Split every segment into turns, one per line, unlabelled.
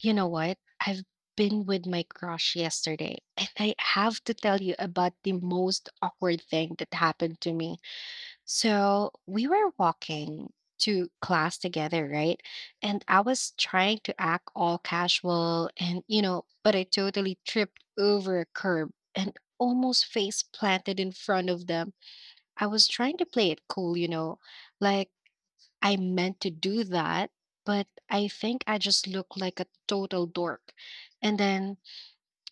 You know what? I've been with my crush yesterday, and I have to tell you about the most awkward thing that happened to me. So, we were walking to class together, right? And I was trying to act all casual and, you know, but I totally tripped over a curb and almost face planted in front of them. I was trying to play it cool, you know, like I meant to do that, but I think I just looked like a total dork. And then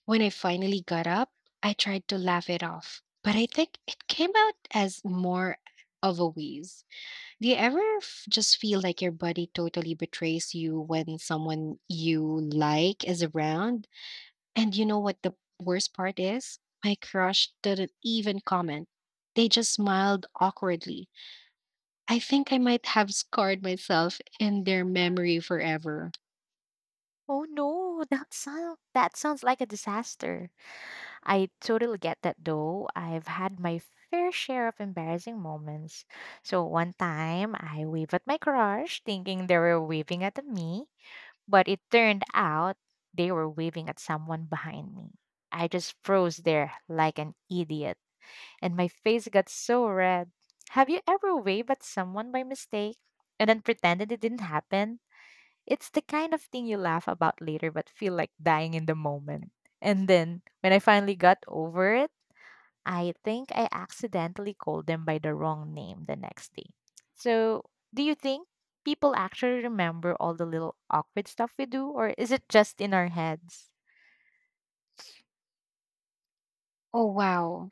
when I finally got up, I tried to laugh it off. But I think it came out as more of a wheeze. Do you ever just feel like your body totally betrays you when someone you like is around? And you know what the worst part is? My crush didn't even comment. They just smiled awkwardly. I think I might have scarred myself in their memory forever.
Oh no, that sounds like a disaster. I totally get that though. I've had my fair share of embarrassing moments. So one time I waved at my crush thinking they were waving at me, but it turned out they were waving at someone behind me. I just froze there like an idiot, and my face got so red. Have you ever waved at someone by mistake and then pretended it didn't happen? It's the kind of thing you laugh about later but feel like dying in the moment. And then when I finally got over it, I think I accidentally called them by the wrong name the next day. So, do you think people actually remember all the little awkward stuff we do or is it just in our heads?
Oh, wow.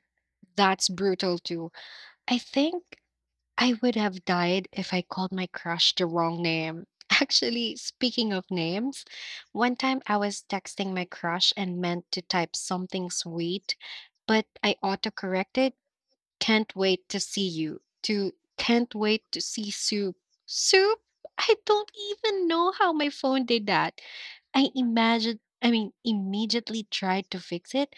That's brutal, too. I think I would have died if I called my crush the wrong name. Actually, speaking of names, one time I was texting my crush and meant to type something sweet, but I autocorrected "Can't wait to see you" to "Can't wait to see soup." Soup? I don't even know how my phone did that. I immediately tried to fix it,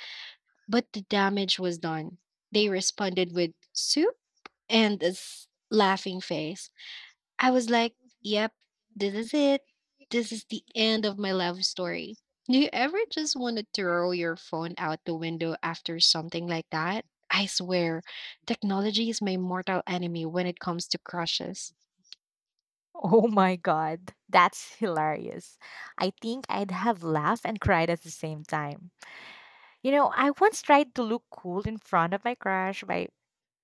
but the damage was done. They responded with soup and a laughing face. I was like, yep, this is it. This is the end of my love story. Do you ever just want to throw your phone out the window after something like that? I swear, technology is my mortal enemy when it comes to crushes.
Oh my god, that's hilarious. I think I'd have laughed and cried at the same time. You know, I once tried to look cool in front of my crush by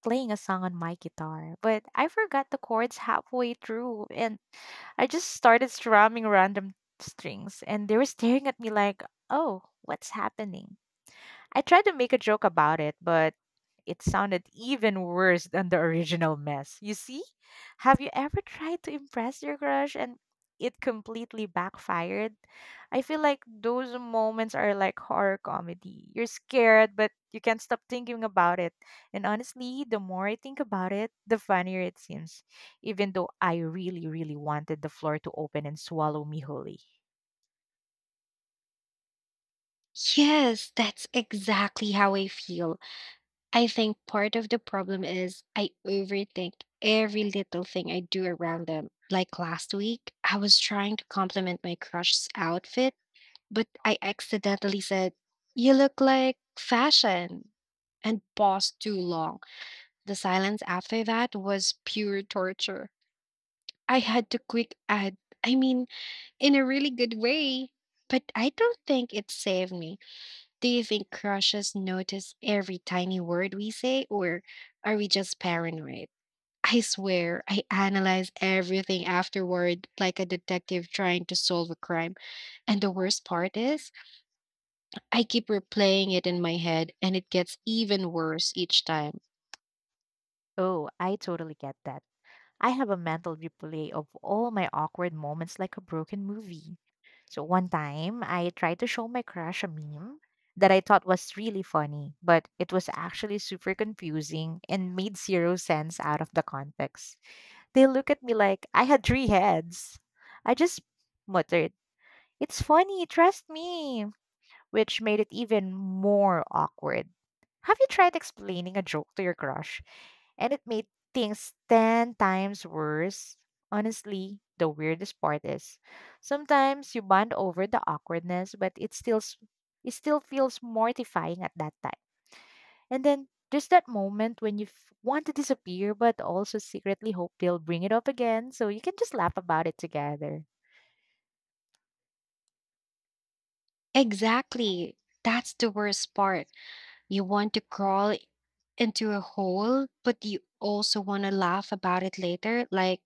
playing a song on my guitar, but I forgot the chords halfway through and I just started strumming random strings and they were staring at me like, "Oh, what's happening?" I tried to make a joke about it, but it sounded even worse than the original mess. You see? Have you ever tried to impress your crush and it completely backfired? I feel like those moments are like horror comedy. You're scared, but you can't stop thinking about it. And honestly, the more I think about it, the funnier it seems, even though I really, really wanted the floor to open and swallow me wholly.
Yes, that's exactly how I feel. I think part of the problem is I overthink every little thing I do around them. Like last week, I was trying to compliment my crush's outfit but I accidentally said, "You look like fashion," and paused too long. The silence after that was pure torture. I had to quick add, I mean, in a really good way. But I don't think it saved me. Do you think crushes notice every tiny word we say, or are we just paranoid? I swear, I analyze everything afterward like a detective trying to solve a crime. And the worst part is, I keep replaying it in my head and it gets even worse each time.
Oh, I totally get that. I have a mental replay of all my awkward moments like a broken movie. So one time, I tried to show my crush a meme that I thought was really funny, but it was actually super confusing and made zero sense out of the context. They look at me like I had three heads. I just muttered, "It's funny, trust me." which made it even more awkward. Have you tried explaining a joke to your crush? And it made things 10 times worse. Honestly, the weirdest part is sometimes you bond over the awkwardness, but it still feels mortifying at that time. And then there's that moment when you want to disappear, but also secretly hope they'll bring it up again so you can just laugh about it together.
Exactly. That's the worst part. You want to crawl into a hole, but you also want to laugh about it later. Like,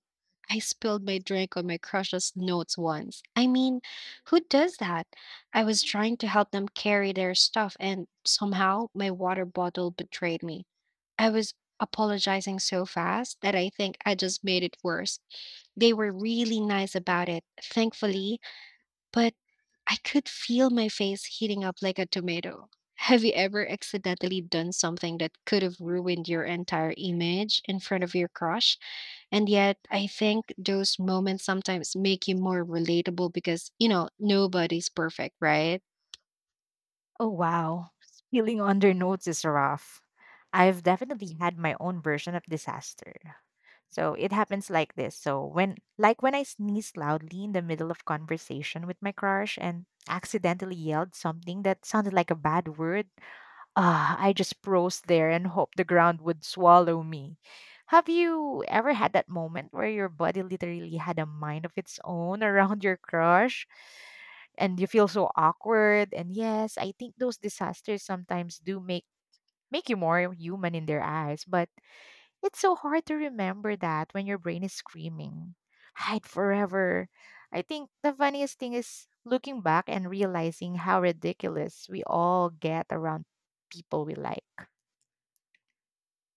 I spilled my drink on my crush's notes once. I mean, who does that? I was trying to help them carry their stuff, and somehow my water bottle betrayed me. I was apologizing so fast that I think I just made it worse. They were really nice about it, thankfully, but I could feel my face heating up like a tomato. Have you ever accidentally done something that could have ruined your entire image in front of your crush? And yet, I think those moments sometimes make you more relatable because, you know, nobody's perfect, right?
Oh, wow. Spilling under notes is rough. I've definitely had my own version of disaster. So it happens like this. So when I sneezed loudly in the middle of conversation with my crush and accidentally yelled something that sounded like a bad word. Ah, I just froze there and hoped the ground would swallow me. Have you ever had that moment where your body literally had a mind of its own around your crush? And you feel so awkward. And yes, I think those disasters sometimes do make you more human in their eyes, but it's so hard to remember that when your brain is screaming, hide forever. I think the funniest thing is looking back and realizing how ridiculous we all get around people we like.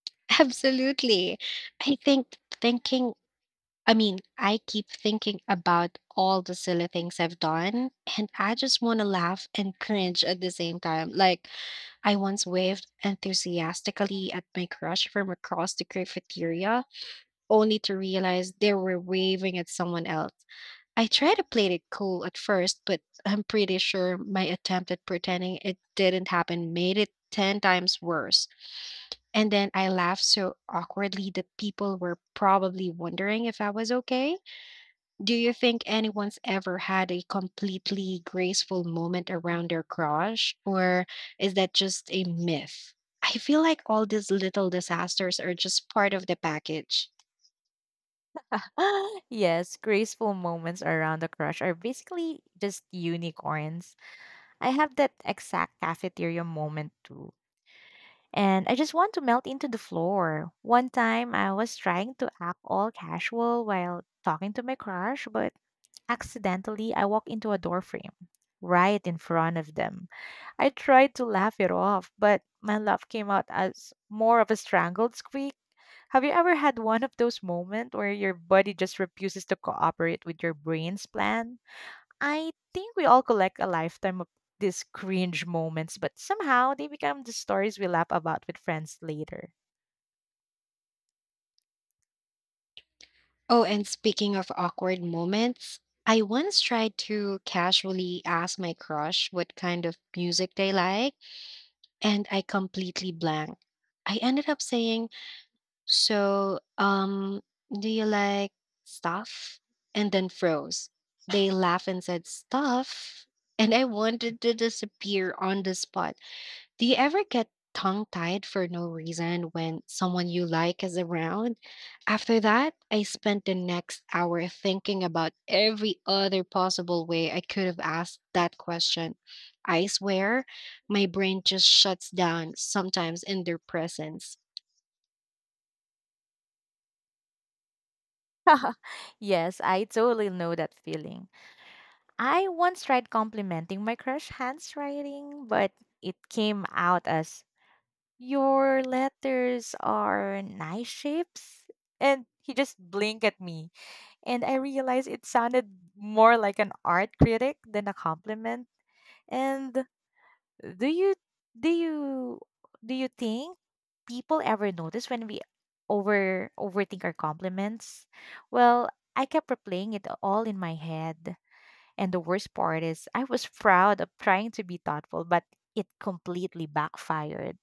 Absolutely. I think thinking I mean, I keep thinking about all the silly things I've done, and I just want to laugh and cringe at the same time. Like, I once waved enthusiastically at my crush from across the cafeteria, only to realize they were waving at someone else. I tried to play it cool at first, but I'm pretty sure my attempt at pretending it didn't happen made it 10 times worse. And then I laughed so awkwardly that people were probably wondering if I was okay. Do you think anyone's ever had a completely graceful moment around their crush, or is that just a myth? I feel like all these little disasters are just part of the package.
Yes, graceful moments around the crush are basically just unicorns. I have that exact cafeteria moment too. And I just want to melt into the floor. One time I was trying to act all casual while talking to my crush, but accidentally I walked into a doorframe right in front of them. I tried to laugh it off, but my laugh came out as more of a strangled squeak. Have you ever had one of those moments where your body just refuses to cooperate with your brain's plan? I think we all collect a lifetime of these cringe moments, but somehow they become the stories we laugh about with friends later.
Oh, and speaking of awkward moments, I once tried to casually ask my crush what kind of music they like, and I completely blanked. I ended up saying, "So, do you like stuff?" And then froze. They laughed and said, "Stuff." And I wanted to disappear on the spot. Do you ever get tongue tied for no reason when someone you like is around? After that, I spent the next hour thinking about every other possible way I could have asked that question. I swear, my brain just shuts down sometimes in their presence.
Yes, I totally know that feeling. I once tried complimenting my crush handwriting, but it came out as, your letters are nice shapes. And he just blinked at me and I realized it sounded more like an art critic than a compliment. And do you do you do you think people ever notice when we overthink our compliments? Well, I kept replaying it all in my head. And the worst part is I was proud of trying to be thoughtful, but it completely backfired.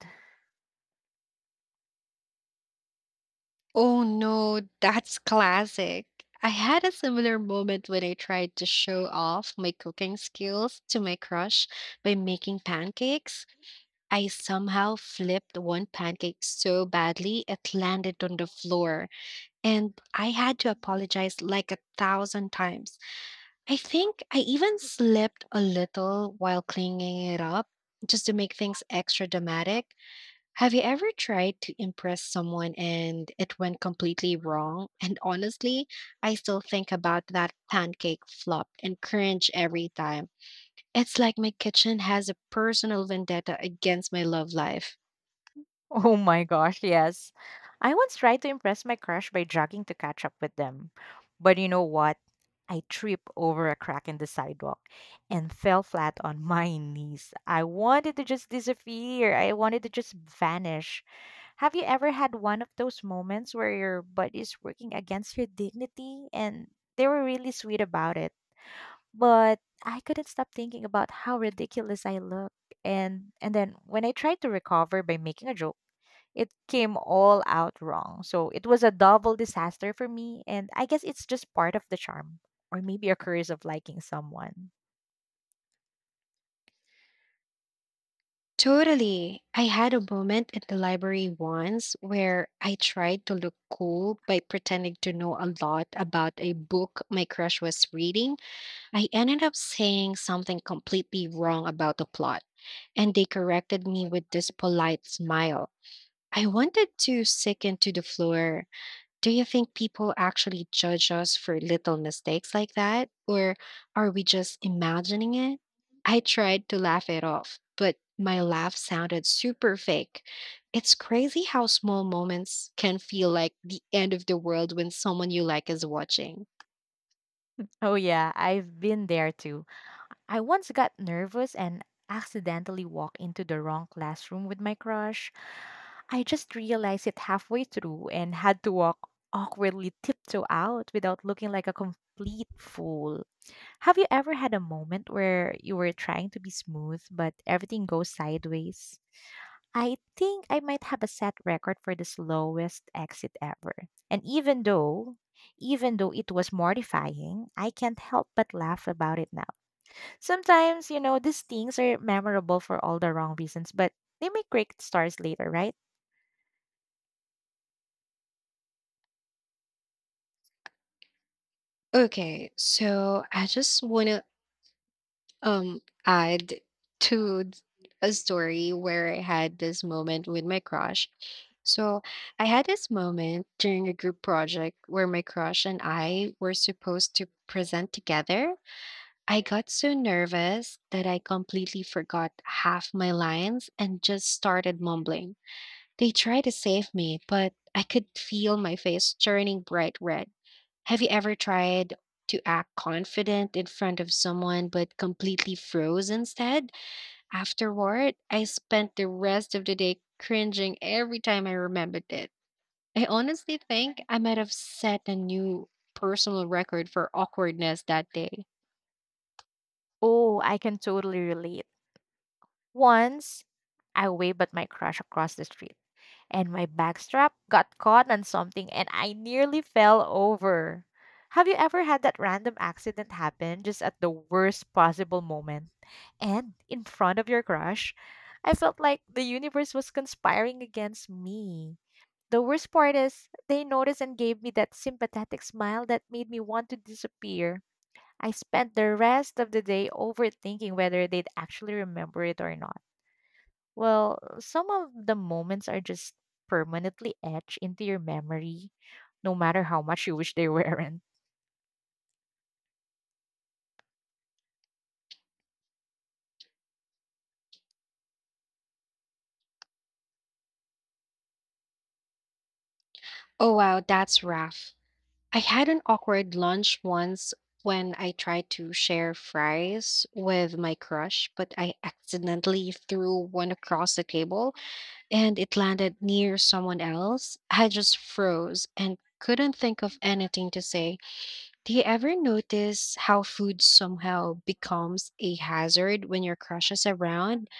Oh no, that's classic. I had a similar moment when I tried to show off my cooking skills to my crush by making pancakes. I somehow flipped one pancake so badly it landed on the floor, and I had to apologize like a thousand times. I think I even slipped a little while cleaning it up just to make things extra dramatic. Have you ever tried to impress someone and it went completely wrong? And honestly, I still think about that pancake flop and cringe every time. It's like my kitchen has a personal vendetta against my love life.
Oh my gosh, yes. I once tried to impress my crush by jogging to catch up with them. But you know what? I tripped over a crack in the sidewalk and fell flat on my knees. I wanted to just disappear. I wanted to just vanish. Have you ever had one of those moments where your butt is working against your dignity? And they were really sweet about it. But I couldn't stop thinking about how ridiculous I looked. And then when I tried to recover by making a joke, it came all out wrong. So it was a double disaster for me. And I guess it's just part of the charm, or maybe a curse of liking someone.
Totally. I had a moment at the library once where I tried to look cool by pretending to know a lot about a book my crush was reading. I ended up saying something completely wrong about the plot, and they corrected me with this polite smile. I wanted to sicken to the floor. Do you think people actually judge us for little mistakes like that, or are we just imagining it? I tried to laugh it off, but my laugh sounded super fake. It's crazy how small moments can feel like the end of the world when someone you like is watching.
Oh, yeah, I've been there too. I once got nervous and accidentally walked into the wrong classroom with my crush. I just realized it halfway through and had to walk awkwardly tiptoe out without looking like a complete fool. Have you ever had a moment where you were trying to be smooth, but everything goes sideways? I think I might have a set record for the slowest exit ever. And even though it was mortifying, I can't help but laugh about it now. Sometimes, you know, these things are memorable for all the wrong reasons, but they make great stars later, right?
Okay, so I just want to um add to th- a story where I had this moment with my crush. So I had this moment during a group project where my crush and I were supposed to present together. I got so nervous that I completely forgot half my lines and just started mumbling. They tried to save me, but I could feel my face turning bright red. Have you ever tried to act confident in front of someone but completely froze instead? Afterward, I spent the rest of the day cringing every time I remembered it. I honestly think I might have set a new personal record for awkwardness that day.
Oh, I can totally relate. Once, I waved at my crush across the street, and my backstrap got caught on something and I nearly fell over. Have you ever had that random accident happen just at the worst possible moment and in front of your crush? I felt like the universe was conspiring against me. The worst part is, they noticed and gave me that sympathetic smile that made me want to disappear. I spent the rest of the day overthinking whether they'd actually remember it or not. Well, some of the moments are just permanently etched into your memory, no matter how much you wish they weren't.
Oh wow, that's rough. I had an awkward lunch once when I tried to share fries with my crush, but I accidentally threw one across the table, and it landed near someone else. I just froze and couldn't think of anything to say. Do you ever notice how food somehow becomes a hazard when your crush is around?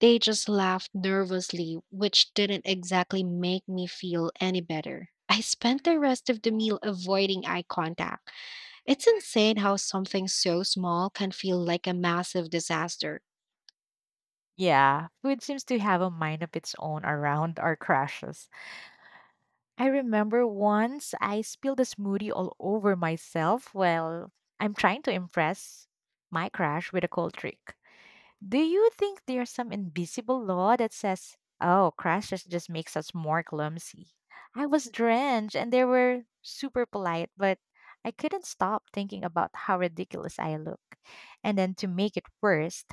They just laughed nervously, which didn't exactly make me feel any better. I spent the rest of the meal avoiding eye contact. It's insane how something so small can feel like a massive disaster.
Yeah, food seems to have a mind of its own around our crashes. I remember once I spilled a smoothie all over myself while I'm trying to impress my crush with a cold trick. Do you think there's some invisible law that says, oh, crashes just makes us more clumsy? I was drenched and they were super polite, but I couldn't stop thinking about how ridiculous I look. And then to make it worse,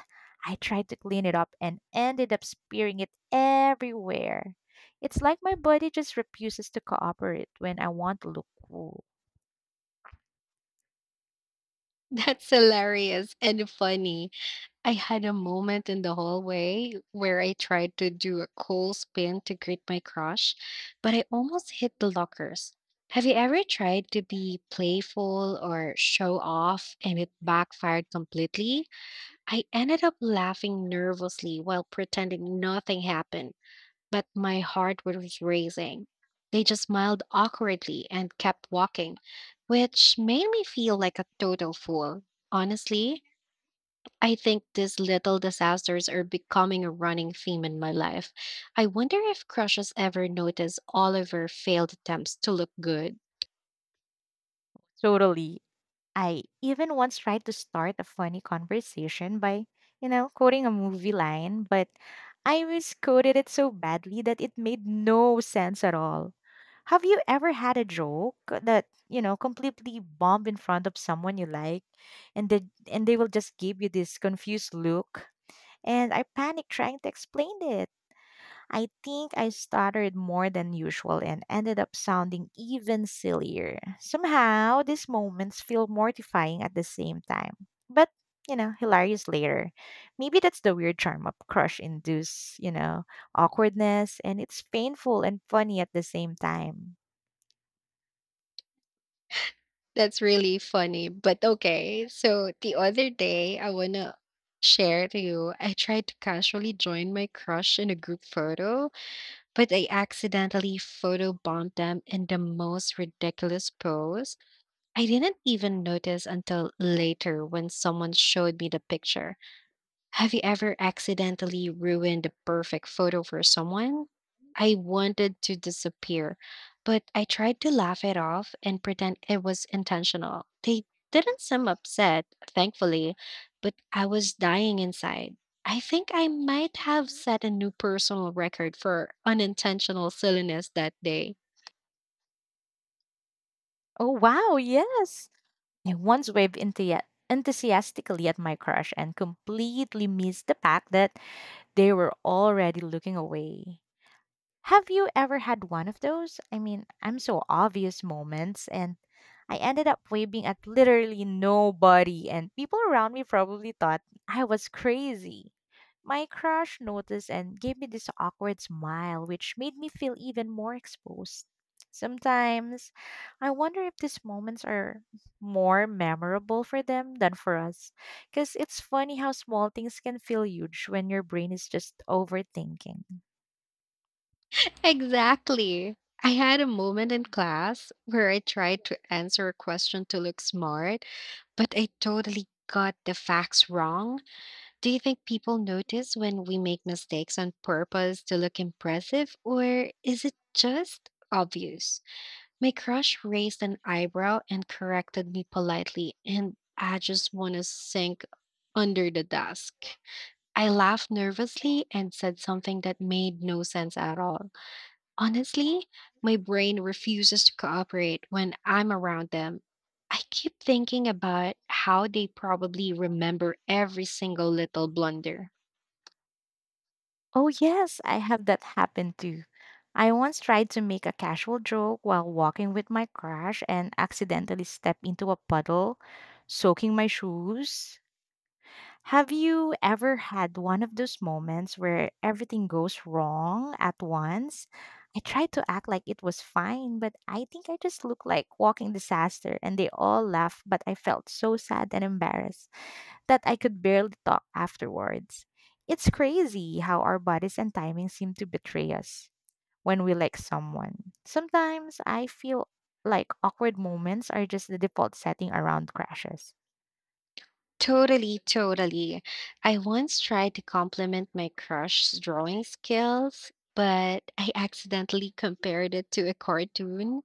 I tried to clean it up and ended up spearing it everywhere. It's like my body just refuses to cooperate when I want to look cool.
That's hilarious and funny. I had a moment in the hallway where I tried to do a cool spin to greet my crush, but I almost hit the lockers. Have you ever tried to be playful or show off and it backfired completely? I ended up laughing nervously while pretending nothing happened, but my heart was racing. They just smiled awkwardly and kept walking, which made me feel like a total fool. Honestly, I think these little disasters are becoming a running theme in my life. I wonder if crushes ever notice all of her failed attempts to look good.
Totally, I even once tried to start a funny conversation by, you know, quoting a movie line, but I misquoted it so badly that it made no sense at all. Have you ever had a joke that, you know, completely bombed in front of someone you like and they will just give you this confused look? And I panicked trying to explain it. I think I stuttered more than usual and ended up sounding even sillier. Somehow, these moments feel mortifying at the same time, but, you know, hilarious later. Maybe that's the weird charm of crush induced, you know, awkwardness, and it's painful and funny at the same time.
That's really funny, but okay. So the other day, I want to share to you, I tried to casually join my crush in a group photo, but I accidentally photo bombed them in the most ridiculous pose. I didn't even notice until later when someone showed me the picture. Have you ever accidentally ruined a perfect photo for someone? I wanted to disappear, but I tried to laugh it off and pretend it was intentional. They didn't seem upset, thankfully, but I was dying inside. I think I might have set a new personal record for unintentional silliness that day.
Oh, wow, yes! I once waved enthusiastically at my crush and completely missed the fact that they were already looking away. Have you ever had one of those? I mean, I'm so obvious moments and I ended up waving at literally nobody and people around me probably thought I was crazy. My crush noticed and gave me this awkward smile which made me feel even more exposed. Sometimes I wonder if these moments are more memorable for them than for us. Because it's funny how small things can feel huge when your brain is just overthinking.
Exactly. I had a moment in class where I tried to answer a question to look smart, but I totally got the facts wrong. Do you think people notice when we make mistakes on purpose to look impressive, or is it just obvious? My crush raised an eyebrow and corrected me politely, and I just want to sink under the desk. I laughed nervously and said something that made no sense at all. Honestly, my brain refuses to cooperate when I'm around them. I keep thinking about how they probably remember every single little blunder.
Oh, yes, I have that happen too. I once tried to make a casual joke while walking with my crush and accidentally stepped into a puddle, soaking my shoes. Have you ever had one of those moments where everything goes wrong at once? I tried to act like it was fine, but I think I just looked like walking disaster and they all laughed, but I felt so sad and embarrassed that I could barely talk afterwards. It's crazy how our bodies and timing seem to betray us when we like someone. Sometimes I feel like awkward moments are just the default setting around crashes.
Totally. I once tried to compliment my crush's drawing skills, but I accidentally compared it to a cartoon,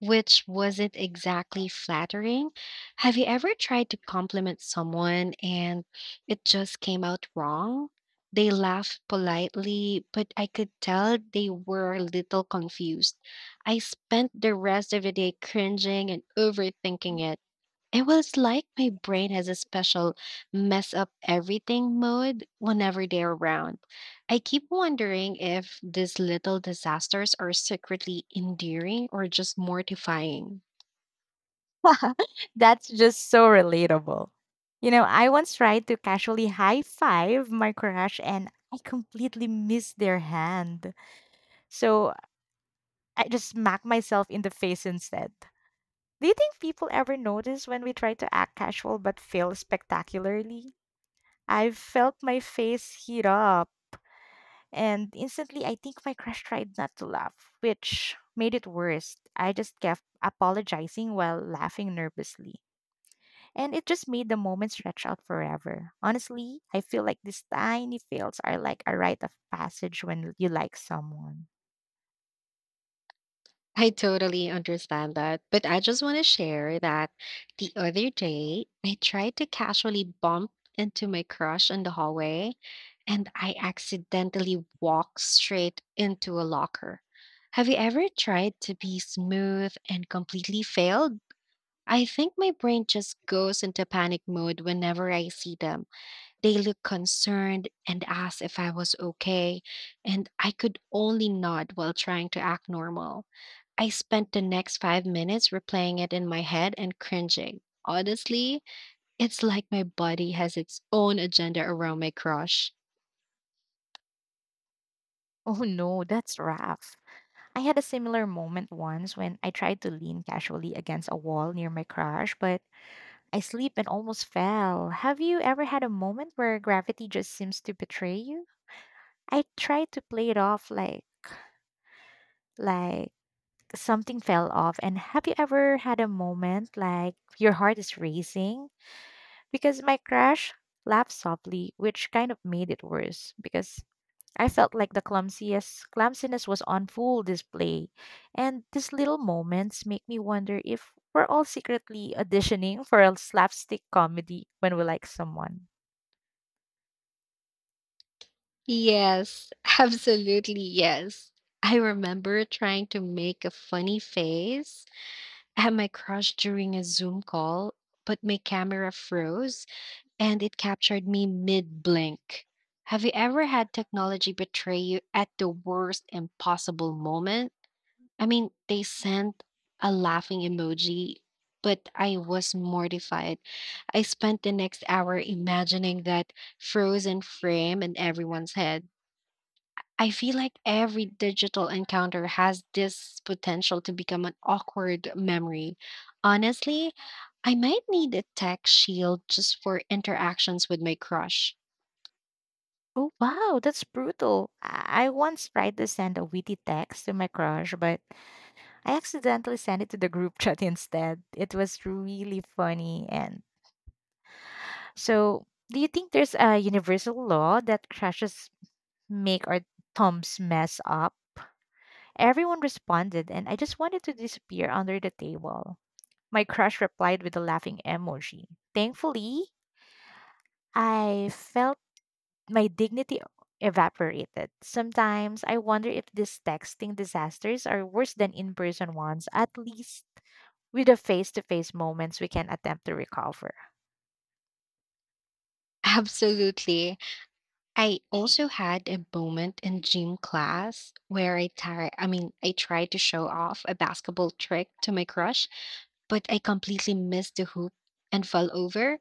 which wasn't exactly flattering. Have you ever tried to compliment someone and it just came out wrong? They laughed politely, but I could tell they were a little confused. I spent the rest of the day cringing and overthinking it. It was like my brain has a special mess up everything mode whenever they're around. I keep wondering if these little disasters are secretly endearing or just mortifying.
That's just so relatable. You know, I once tried to casually high five my crush and I completely missed their hand. So I just smacked myself in the face instead. Do you think people ever notice when we try to act casual but fail spectacularly? I felt my face heat up, and instantly I think my crush tried not to laugh, which made it worse. I just kept apologizing while laughing nervously, and it just made the moment stretch out forever. Honestly, I feel like these tiny fails are like a rite of passage when you like someone.
I totally understand that, but I just want to share that the other day, I tried to casually bump into my crush in the hallway and I accidentally walked straight into a locker. Have you ever tried to be smooth and completely failed? I think my brain just goes into panic mode whenever I see them. They look concerned and ask if I was okay, and I could only nod while trying to act normal. I spent the next 5 minutes replaying it in my head and cringing. Honestly, it's like my body has its own agenda around my crush.
Oh no, that's rough. I had a similar moment once when I tried to lean casually against a wall near my crush, but I slipped and almost fell. Have you ever had a moment where gravity just seems to betray you? I tried to play it off like like something fell off. And have you ever had a moment like your heart is racing? Because my crush laughed softly, which kind of made it worse because I felt like the clumsiest clumsiness was on full display. And these little moments make me wonder if we're all secretly auditioning for a slapstick comedy when we like someone.
Yes, absolutely yes. I remember trying to make a funny face at my crush during a Zoom call, but my camera froze and it captured me mid blink. Have you ever had technology betray you at the worst impossible moment? I mean, they sent a laughing emoji, but I was mortified. I spent the next hour imagining that frozen frame in everyone's head. I feel like every digital encounter has this potential to become an awkward memory. Honestly, I might need a tech shield just for interactions with my crush.
Oh, wow, that's brutal. I once tried to send a witty text to my crush, but I accidentally sent it to the group chat instead. It was really funny. And so, do you think there's a universal law that crushes make our thumbs mess up? Everyone responded, and I just wanted to disappear under the table. My crush replied with a laughing emoji. Thankfully, I felt my dignity evaporated. Sometimes I wonder if these texting disasters are worse than in person ones, at least with the face to face moments we can attempt to recover.
Absolutely. I also had a moment in gym class where I mean I tried to show off a basketball trick to my crush, but I completely missed the hoop and fell over.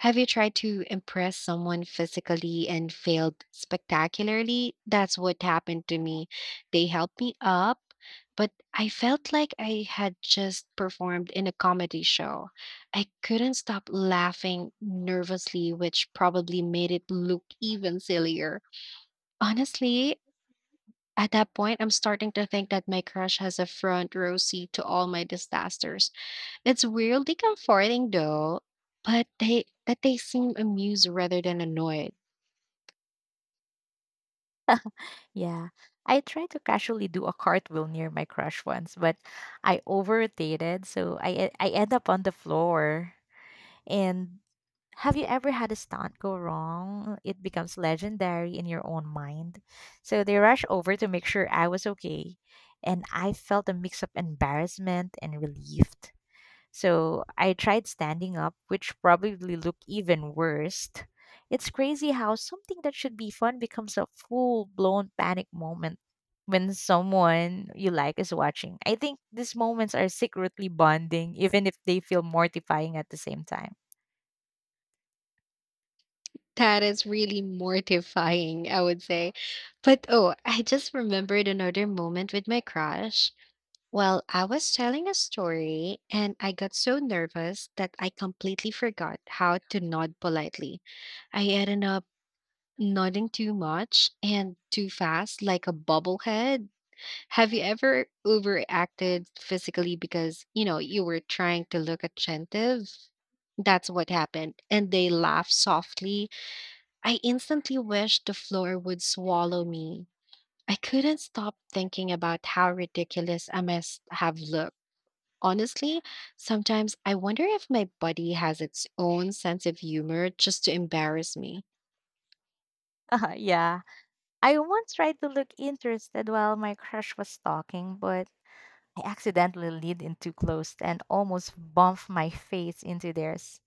Have you tried to impress someone physically and failed spectacularly? That's what happened to me. They helped me up, but I felt like I had just performed in a comedy show. I couldn't stop laughing nervously, which probably made it look even sillier. Honestly, at that point, I'm starting to think that my crush has a front row seat to all my disasters. It's weirdly comforting though, but they seem amused rather than annoyed.
Yeah. I tried to casually do a cartwheel near my crush once, but I overrotated, so I end up on the floor. And have you ever had a stunt go wrong? It becomes legendary in your own mind. So they rushed over to make sure I was okay, and I felt a mix of embarrassment and relief. So I tried standing up, which probably looked even worse. It's crazy how something that should be fun becomes a full blown panic moment when someone you like is watching. I think these moments are secretly bonding, even if they feel mortifying at the same time.
That is really mortifying, I would say. But oh, I just remembered another moment with my crush. Well, I was telling a story and I got so nervous that I completely forgot how to nod politely. I ended up nodding too much and too fast, like a bobblehead. Have you ever overacted physically because, you were trying to look attentive? That's what happened. And they laughed softly. I instantly wished the floor would swallow me. I couldn't stop thinking about how ridiculous I must have looked. Honestly, sometimes I wonder if my body has its own sense of humor just to embarrass me.
Yeah. I once tried to look interested while my crush was talking, but I accidentally leaned in too close and almost bumped my face into theirs.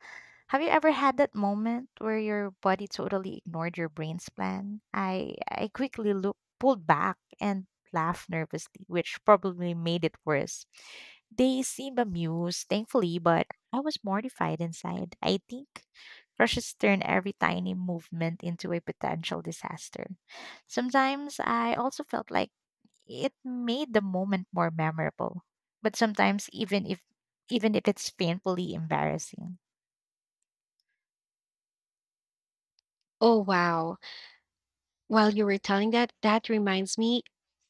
Have you ever had that moment where your body totally ignored your brain's plan? I quickly look, pulled back and laughed nervously, which probably made it worse. They seemed amused, thankfully, but I was mortified inside. I think crushes turn every tiny movement into a potential disaster. Sometimes I also felt like it made the moment more memorable, but sometimes even if it's painfully embarrassing.
Oh, wow. While you were telling that, that reminds me,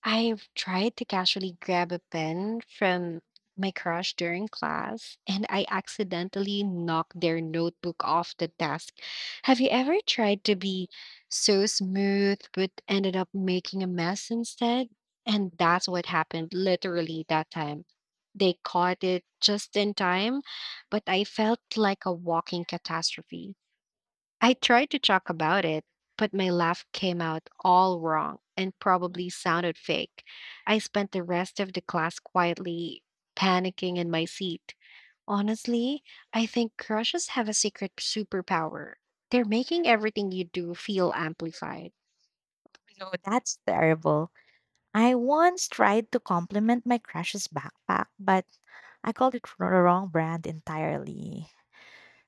I've tried to casually grab a pen from my crush during class and I accidentally knocked their notebook off the desk. Have you ever tried to be so smooth but ended up making a mess instead? And that's what happened literally that time. They caught it just in time, but I felt like a walking catastrophe. I tried to talk about it, but my laugh came out all wrong and probably sounded fake. I spent the rest of the class quietly panicking in my seat. Honestly, I think crushes have a secret superpower. They're making everything you do feel amplified.
No, that's terrible. I once tried to compliment my crush's backpack, but I called it the wrong brand entirely.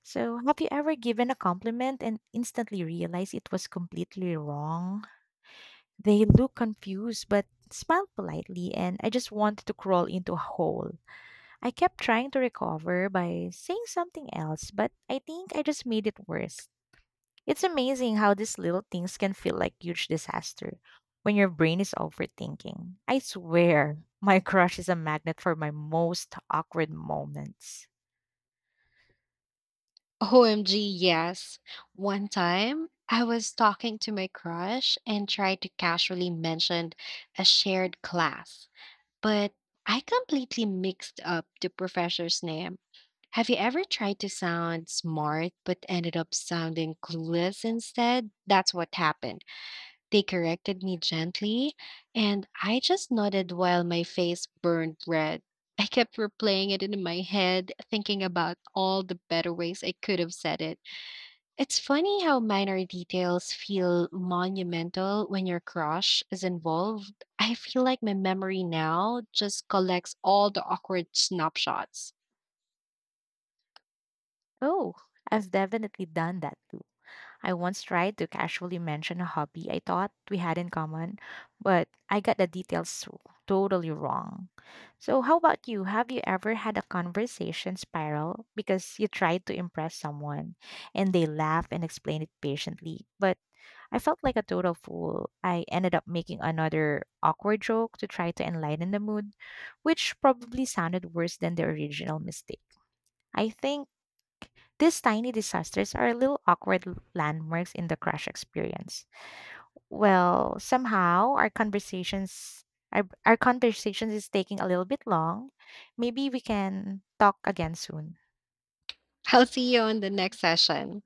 So, have you ever given a compliment and instantly realized it was completely wrong? They look confused but smiled politely, and I just wanted to crawl into a hole. I kept trying to recover by saying something else, but I think I just made it worse. It's amazing how these little things can feel like huge disaster when your brain is overthinking. I swear, my crush is a magnet for my most awkward moments.
OMG, yes. One time, I was talking to my crush and tried to casually mention a shared class, but I completely mixed up the professor's name. Have you ever tried to sound smart but ended up sounding clueless instead? That's what happened. They corrected me gently, and I just nodded while my face burned red. I kept replaying it in my head, thinking about all the better ways I could have said it. It's funny how minor details feel monumental when your crush is involved. I feel like my memory now just collects all the awkward snapshots.
Oh, I've definitely done that too. I once tried to casually mention a hobby I thought we had in common, but I got the details so, totally wrong. So, how about you? Have you ever had a conversation spiral because you tried to impress someone and they laugh and explain it patiently, but I felt like a total fool. I ended up making another awkward joke to try to enlighten the mood, which probably sounded worse than the original mistake. I think these tiny disasters are little awkward landmarks in the crush experience. Well, somehow our conversations is taking a little bit long. Maybe we can talk again soon.
I'll see you on the next session.